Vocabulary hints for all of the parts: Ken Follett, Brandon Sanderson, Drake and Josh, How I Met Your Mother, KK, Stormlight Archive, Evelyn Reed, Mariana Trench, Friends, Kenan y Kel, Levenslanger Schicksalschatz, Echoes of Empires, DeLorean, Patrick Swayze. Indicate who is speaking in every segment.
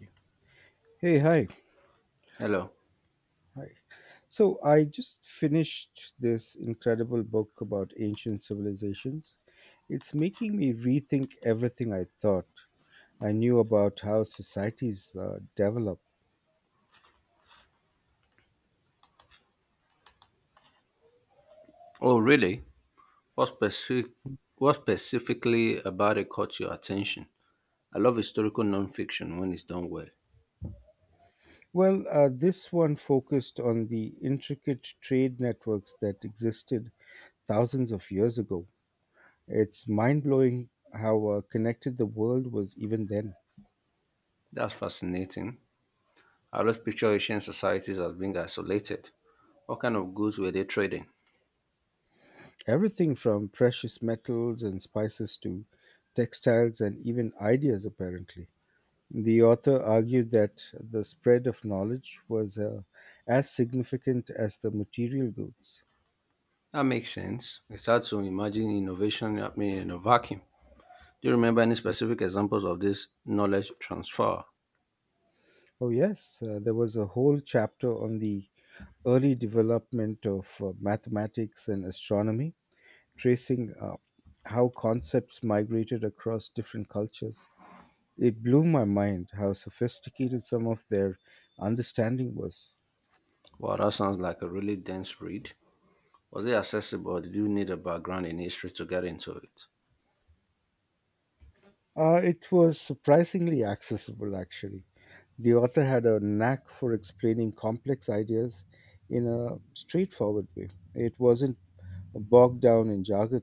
Speaker 1: Yeah. Hey, hi.
Speaker 2: Hello.
Speaker 1: Hi. So I just finished this incredible book about ancient civilizations. It's making me rethink everything I thought I knew about how societies develop.
Speaker 2: Oh, really? What specific? What specifically about it caught your attention? I love historical nonfiction when it's done well.
Speaker 1: Well, this one focused on the intricate trade networks that existed thousands of years ago. It's mind blowing how connected the world was even then.
Speaker 2: That's fascinating. I always picture ancient societies as being isolated. What kind of goods were they trading?
Speaker 1: Everything from precious metals and spices to textiles and even ideas, apparently. The author argued that the spread of knowledge was as significant as the material goods.
Speaker 2: That makes sense. It's hard to imagine innovation happening in a vacuum. Do you remember any specific examples of this knowledge transfer?
Speaker 1: Oh, yes, there was a whole chapter on the early development of mathematics and astronomy, tracing how concepts migrated across different cultures. It blew my mind how sophisticated some of their understanding was.
Speaker 2: Wow, that sounds like a really dense read. Was it accessible or did you need a background in history to get into it?
Speaker 1: It was surprisingly accessible, actually. The author had a knack for explaining complex ideas in a straightforward way. It wasn't bogged down in jargon.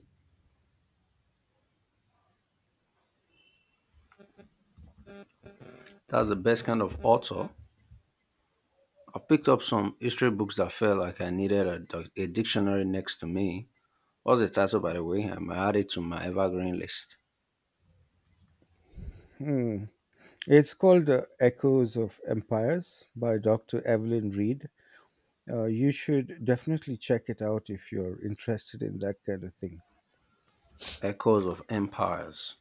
Speaker 2: That's the best kind of author. I picked up some history books that felt like I needed a dictionary next to me. What's the title, by the way? I'm added to my evergreen list.
Speaker 1: Hmm. It's called Echoes of Empires by Dr. Evelyn Reed. You should definitely check it out if you're interested in that kind of thing.
Speaker 2: Echoes of Empires.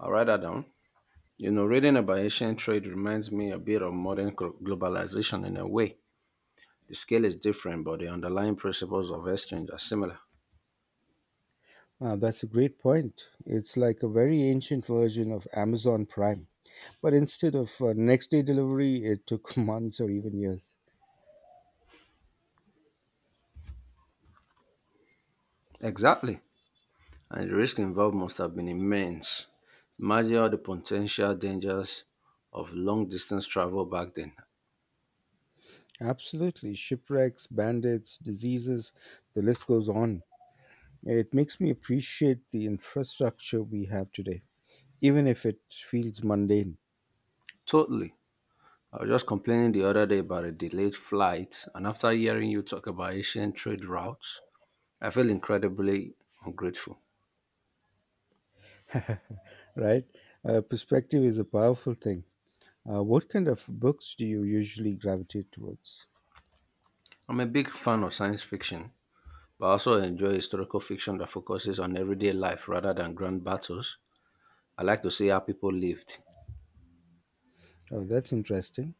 Speaker 2: I'll write that down. You know, reading about ancient trade reminds me a bit of modern globalization in a way. The scale is different, but the underlying principles of exchange are similar.
Speaker 1: Ah, that's a great point. It's like a very ancient version of Amazon Prime. But instead of next day delivery, it took months or even years.
Speaker 2: Exactly. And the risk involved must have been immense. Imagine all the potential dangers of long distance travel back then.
Speaker 1: Absolutely. Shipwrecks, bandits, diseases, the list goes on. It makes me appreciate the infrastructure we have today, even if it feels mundane,
Speaker 2: Totally. I was just complaining the other day about a delayed flight, and after hearing you talk about ancient trade routes, I feel incredibly ungrateful.
Speaker 1: right? Perspective is a powerful thing. What kind of books do you usually gravitate towards?
Speaker 2: I'm a big fan of science fiction, but I also enjoy historical fiction that focuses on everyday life rather than grand battles. I like to see how people lived.
Speaker 1: Oh, that's interesting.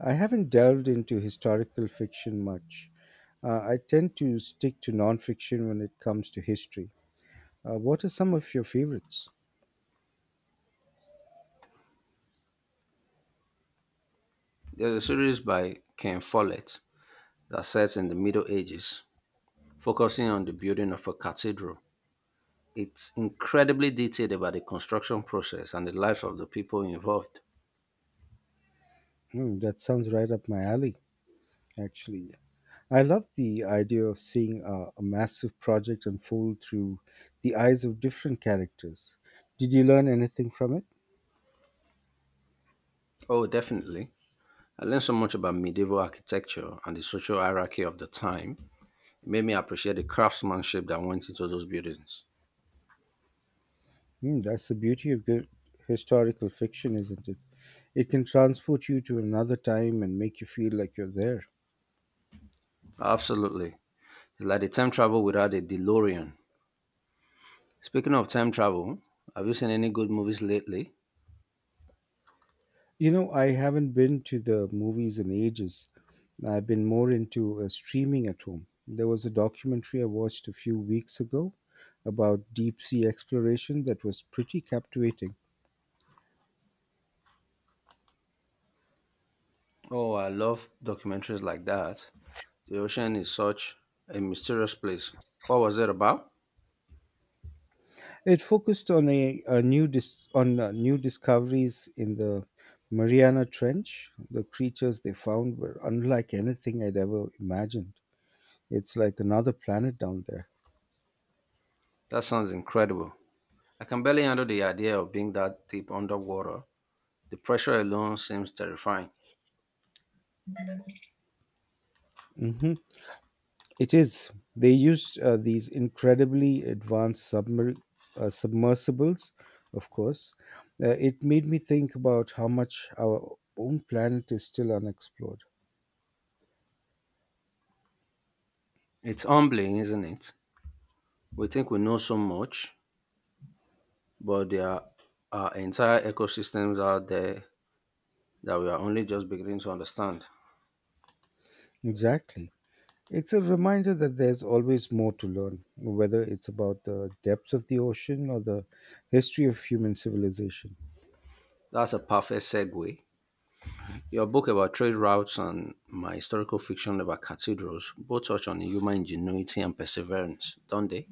Speaker 1: I haven't delved into historical fiction much. I tend to stick to nonfiction when it comes to history. What are some of your favorites?
Speaker 2: There's a series by Ken Follett that sets in the Middle Ages, focusing on the building of a cathedral. It's incredibly detailed about the construction process and the lives of the people involved.
Speaker 1: Hmm, that sounds right up my alley, actually. I love the idea of seeing a massive project unfold through the eyes of different characters. Did you learn anything from it?
Speaker 2: Oh, definitely. I learned so much about medieval architecture and the social hierarchy of the time. It made me appreciate the craftsmanship that went into those buildings.
Speaker 1: Hmm, that's the beauty of good historical fiction, isn't it? It can transport you to another time and make you feel like you're there.
Speaker 2: Absolutely. It's like the time travel without a DeLorean. Speaking of time travel, have you seen any good movies lately?
Speaker 1: You know, I haven't been to the movies in ages. I've been more into streaming at home. There was a documentary I watched a few weeks ago about deep sea exploration that was pretty captivating.
Speaker 2: Oh, I love documentaries like that. The ocean is such a mysterious place. What was it about?
Speaker 1: It focused on new discoveries in the Mariana Trench. The creatures they found were unlike anything I'd ever imagined. It's like another planet down there.
Speaker 2: That sounds incredible. I can barely handle the idea of being that deep underwater. The pressure alone seems terrifying.
Speaker 1: Mhm. It is. They used these incredibly advanced submersibles, of course. It made me think about how much our own planet is still unexplored.
Speaker 2: It's humbling, isn't it? We think we know so much, but there are entire ecosystems out there that we are only just beginning to understand.
Speaker 1: Exactly. It's a reminder that there's always more to learn, whether it's about the depths of the ocean or the history of human civilization.
Speaker 2: That's a perfect segue. Your book about trade routes and my historical fiction about cathedrals both touch on human ingenuity and perseverance, don't they?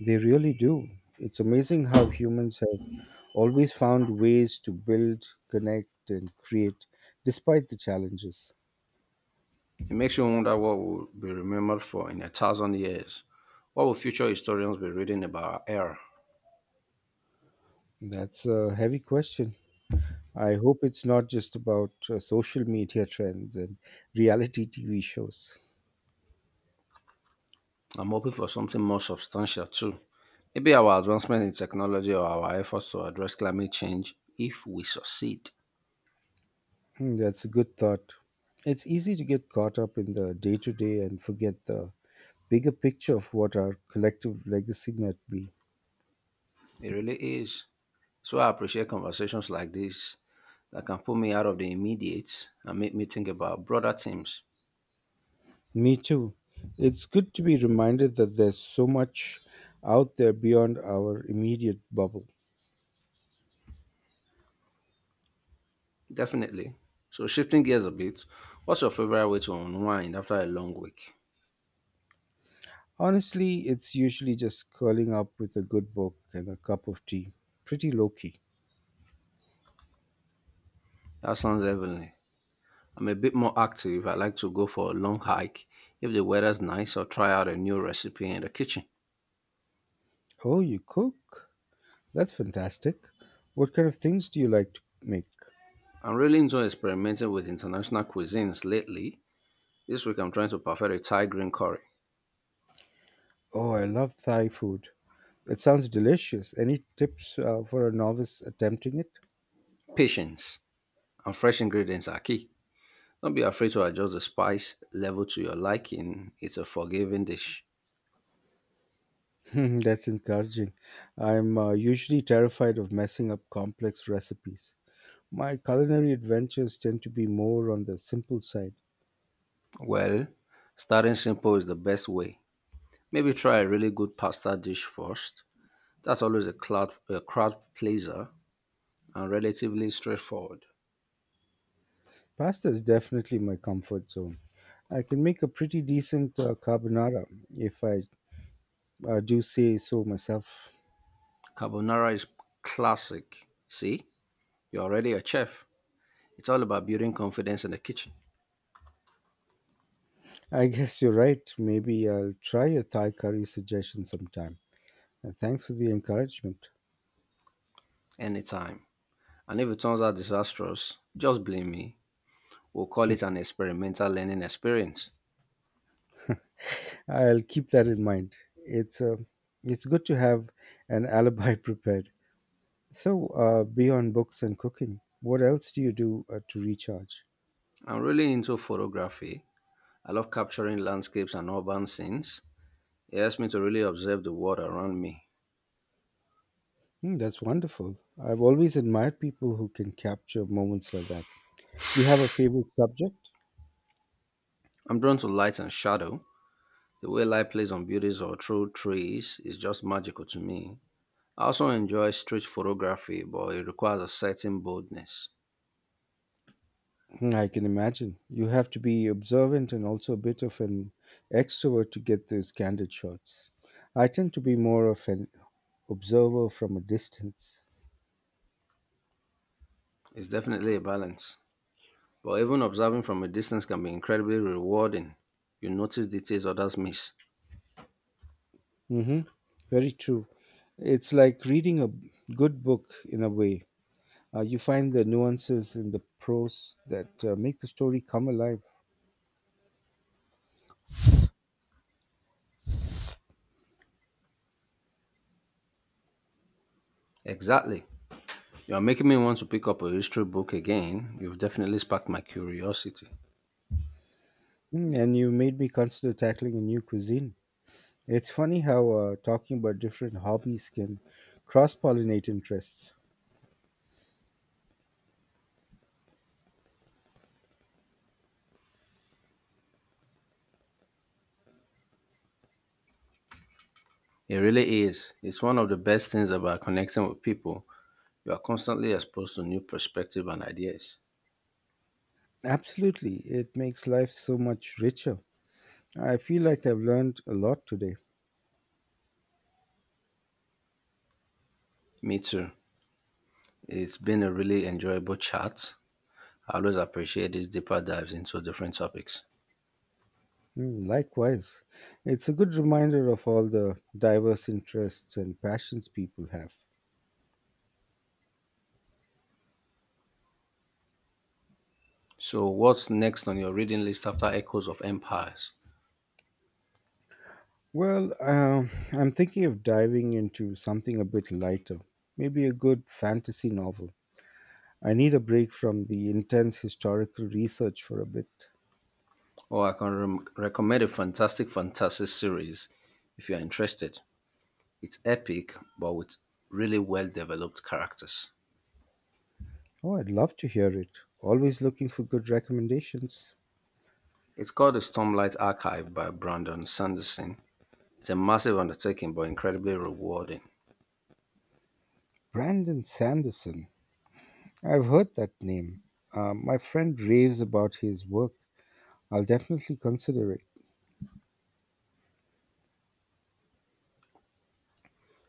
Speaker 1: They really do. It's amazing how humans have always found ways to build, connect, and create despite the challenges.
Speaker 2: It makes you wonder what we'll be remembered for in a thousand years. What will future historians be reading about our era?
Speaker 1: That's a heavy question. I hope it's not just about social media trends and reality TV shows.
Speaker 2: I'm hoping for something more substantial too. Maybe our advancement in technology or our efforts to address climate change if we succeed.
Speaker 1: Hmm, that's a good thought. It's easy to get caught up in the day to day and forget the bigger picture of what our collective legacy might be.
Speaker 2: It really is. So I appreciate conversations like this that can pull me out of the immediate and make me think about broader themes.
Speaker 1: Me too. It's good to be reminded that there's so much out there beyond our immediate bubble.
Speaker 2: Definitely. So shifting gears a bit, what's your favorite way to unwind after a long week?
Speaker 1: Honestly, it's usually just curling up with a good book and a cup of tea. Pretty low key.
Speaker 2: That sounds heavenly. I'm a bit more active. I like to go for a long hike if the weather's nice or try out a new recipe in the kitchen.
Speaker 1: Oh, you cook? That's fantastic. What kind of things do you like to make?
Speaker 2: I'm really enjoying experimenting with international cuisines lately. This week I'm trying to perfect a Thai green curry.
Speaker 1: Oh, I love Thai food. It sounds delicious. Any tips for a novice attempting it?
Speaker 2: Patience and fresh ingredients are key. Don't be afraid to adjust the spice level to your liking. It's a forgiving dish.
Speaker 1: That's encouraging. I'm usually terrified of messing up complex recipes. My culinary adventures tend to be more on the simple side.
Speaker 2: Well, starting simple is the best way. Maybe try a really good pasta dish first. That's always a crowd pleaser and relatively straightforward.
Speaker 1: Pasta is definitely my comfort zone. I can make a pretty decent carbonara if I do say so myself.
Speaker 2: Carbonara is classic. See, you're already a chef. It's all about building confidence in the kitchen.
Speaker 1: I guess you're right. Maybe I'll try your Thai curry suggestion sometime. Thanks for the encouragement.
Speaker 2: Anytime. And if it turns out disastrous, just blame me. We'll call it an experimental learning experience.
Speaker 1: I'll keep that in mind. It's uh, it's good to have an alibi prepared. So, beyond books and cooking, what else do you do to recharge?
Speaker 2: I'm really into photography. I love capturing landscapes and urban scenes. It helps me to really observe the world around me.
Speaker 1: Hmm, that's wonderful. I've always admired people who can capture moments like that. Do you have a favorite subject?
Speaker 2: I'm drawn to light and shadow. The way light plays on buildings or through trees is just magical to me. I also enjoy street photography, but it requires a certain boldness.
Speaker 1: I can imagine. You have to be observant and also a bit of an extrovert to get those candid shots. I tend to be more of an observer from a distance.
Speaker 2: It's definitely a balance. But even observing from a distance can be incredibly rewarding. You notice details others miss.
Speaker 1: Mm-hmm. Very true. It's like reading a good book in a way. You find the nuances in the prose that make the story come alive.
Speaker 2: Exactly. You're making me want to pick up a history book again. You've definitely sparked my curiosity.
Speaker 1: Mm, and you made me consider tackling a new cuisine. It's funny how talking about different hobbies can cross pollinate interests.
Speaker 2: It really is. It's one of the best things about connecting with people. You are constantly exposed to new perspectives and ideas.
Speaker 1: Absolutely. It makes life so much richer. I feel like I've learned a lot today.
Speaker 2: Me too. It's been a really enjoyable chat. I always appreciate these deeper dives into different topics.
Speaker 1: Mm, likewise. It's a good reminder of all the diverse interests and passions people have.
Speaker 2: So, what's next on your reading list after Echoes of Empires?
Speaker 1: Well, I'm thinking of diving into something a bit lighter, maybe a good fantasy novel. I need a break from the intense historical research for a bit.
Speaker 2: Oh, I can rem recommend a fantastic fantasy series if you are interested. It's epic, but with really well developed characters.
Speaker 1: Oh, I'd love to hear it. Always looking for good recommendations.
Speaker 2: It's called the Stormlight Archive by Brandon Sanderson. It's a massive undertaking, but incredibly rewarding.
Speaker 1: Brandon Sanderson. I've heard that name. My friend raves about his work. I'll definitely consider it.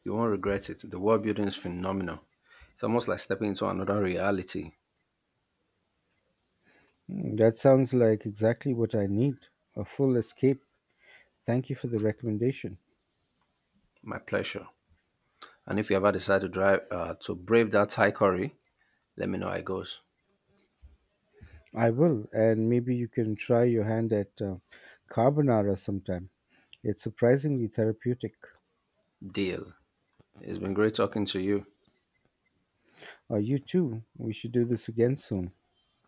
Speaker 2: You won't regret it. The world building is phenomenal. It's almost like stepping into another reality.
Speaker 1: Hmm, that sounds like exactly what I need a full escape. Thank you for the recommendation.
Speaker 2: My pleasure. And if you ever decide to drive to brave that high curry, let me know how it goes.
Speaker 1: I will, and maybe you can try your hand at carbonara sometime. It's surprisingly therapeutic.
Speaker 2: Deal. It's been great talking to you.
Speaker 1: You too. We should do this again soon.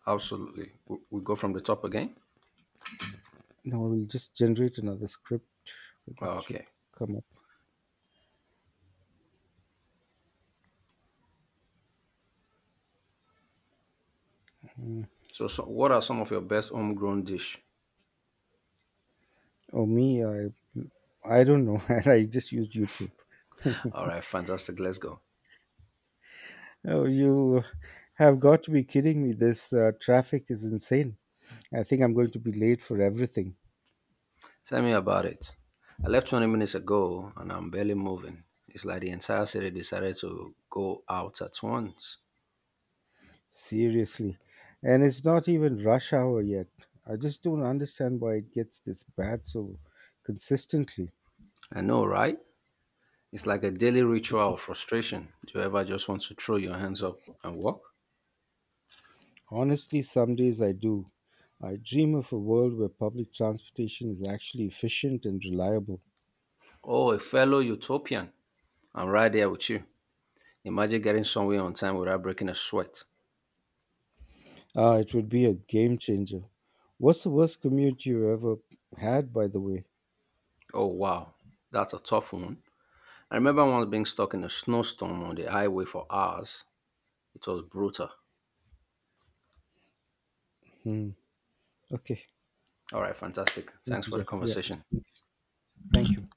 Speaker 2: Absolutely. We go from the top again.
Speaker 1: No, we'll just generate another script that should
Speaker 2: Okay.
Speaker 1: come up.
Speaker 2: So, what are some of your best homegrown dish?
Speaker 1: Oh, me, I don't know. I just used YouTube.
Speaker 2: All right, fantastic. Let's go.
Speaker 1: Oh, you have got to be kidding me. This traffic is insane. I think I'm going to be late for everything.
Speaker 2: Tell me about it. I left 20 minutes ago and I'm barely moving. It's like the entire city decided to go out at once.
Speaker 1: Seriously. And it's not even rush hour yet. I just don't understand why it gets this bad so consistently.
Speaker 2: I know, right? It's like a daily ritual of frustration. Do you ever just want to throw your hands up and walk?
Speaker 1: Honestly, some days I do. I dream of a world where public transportation is actually efficient and reliable.
Speaker 2: Oh, a fellow utopian. I'm right there with you. Imagine getting somewhere on time without breaking a sweat.
Speaker 1: Ah, it would be a game changer. What's the worst commute you ever had, by the way?
Speaker 2: Oh, wow. That's a tough one. I remember once being stuck in a snowstorm on the highway for hours. It was brutal.
Speaker 1: Hmm. Okay.
Speaker 2: All right, fantastic.
Speaker 1: Thank
Speaker 2: Thanks
Speaker 1: you,
Speaker 2: for the
Speaker 1: Jeff. Yeah.
Speaker 2: conversation.
Speaker 1: Thank you.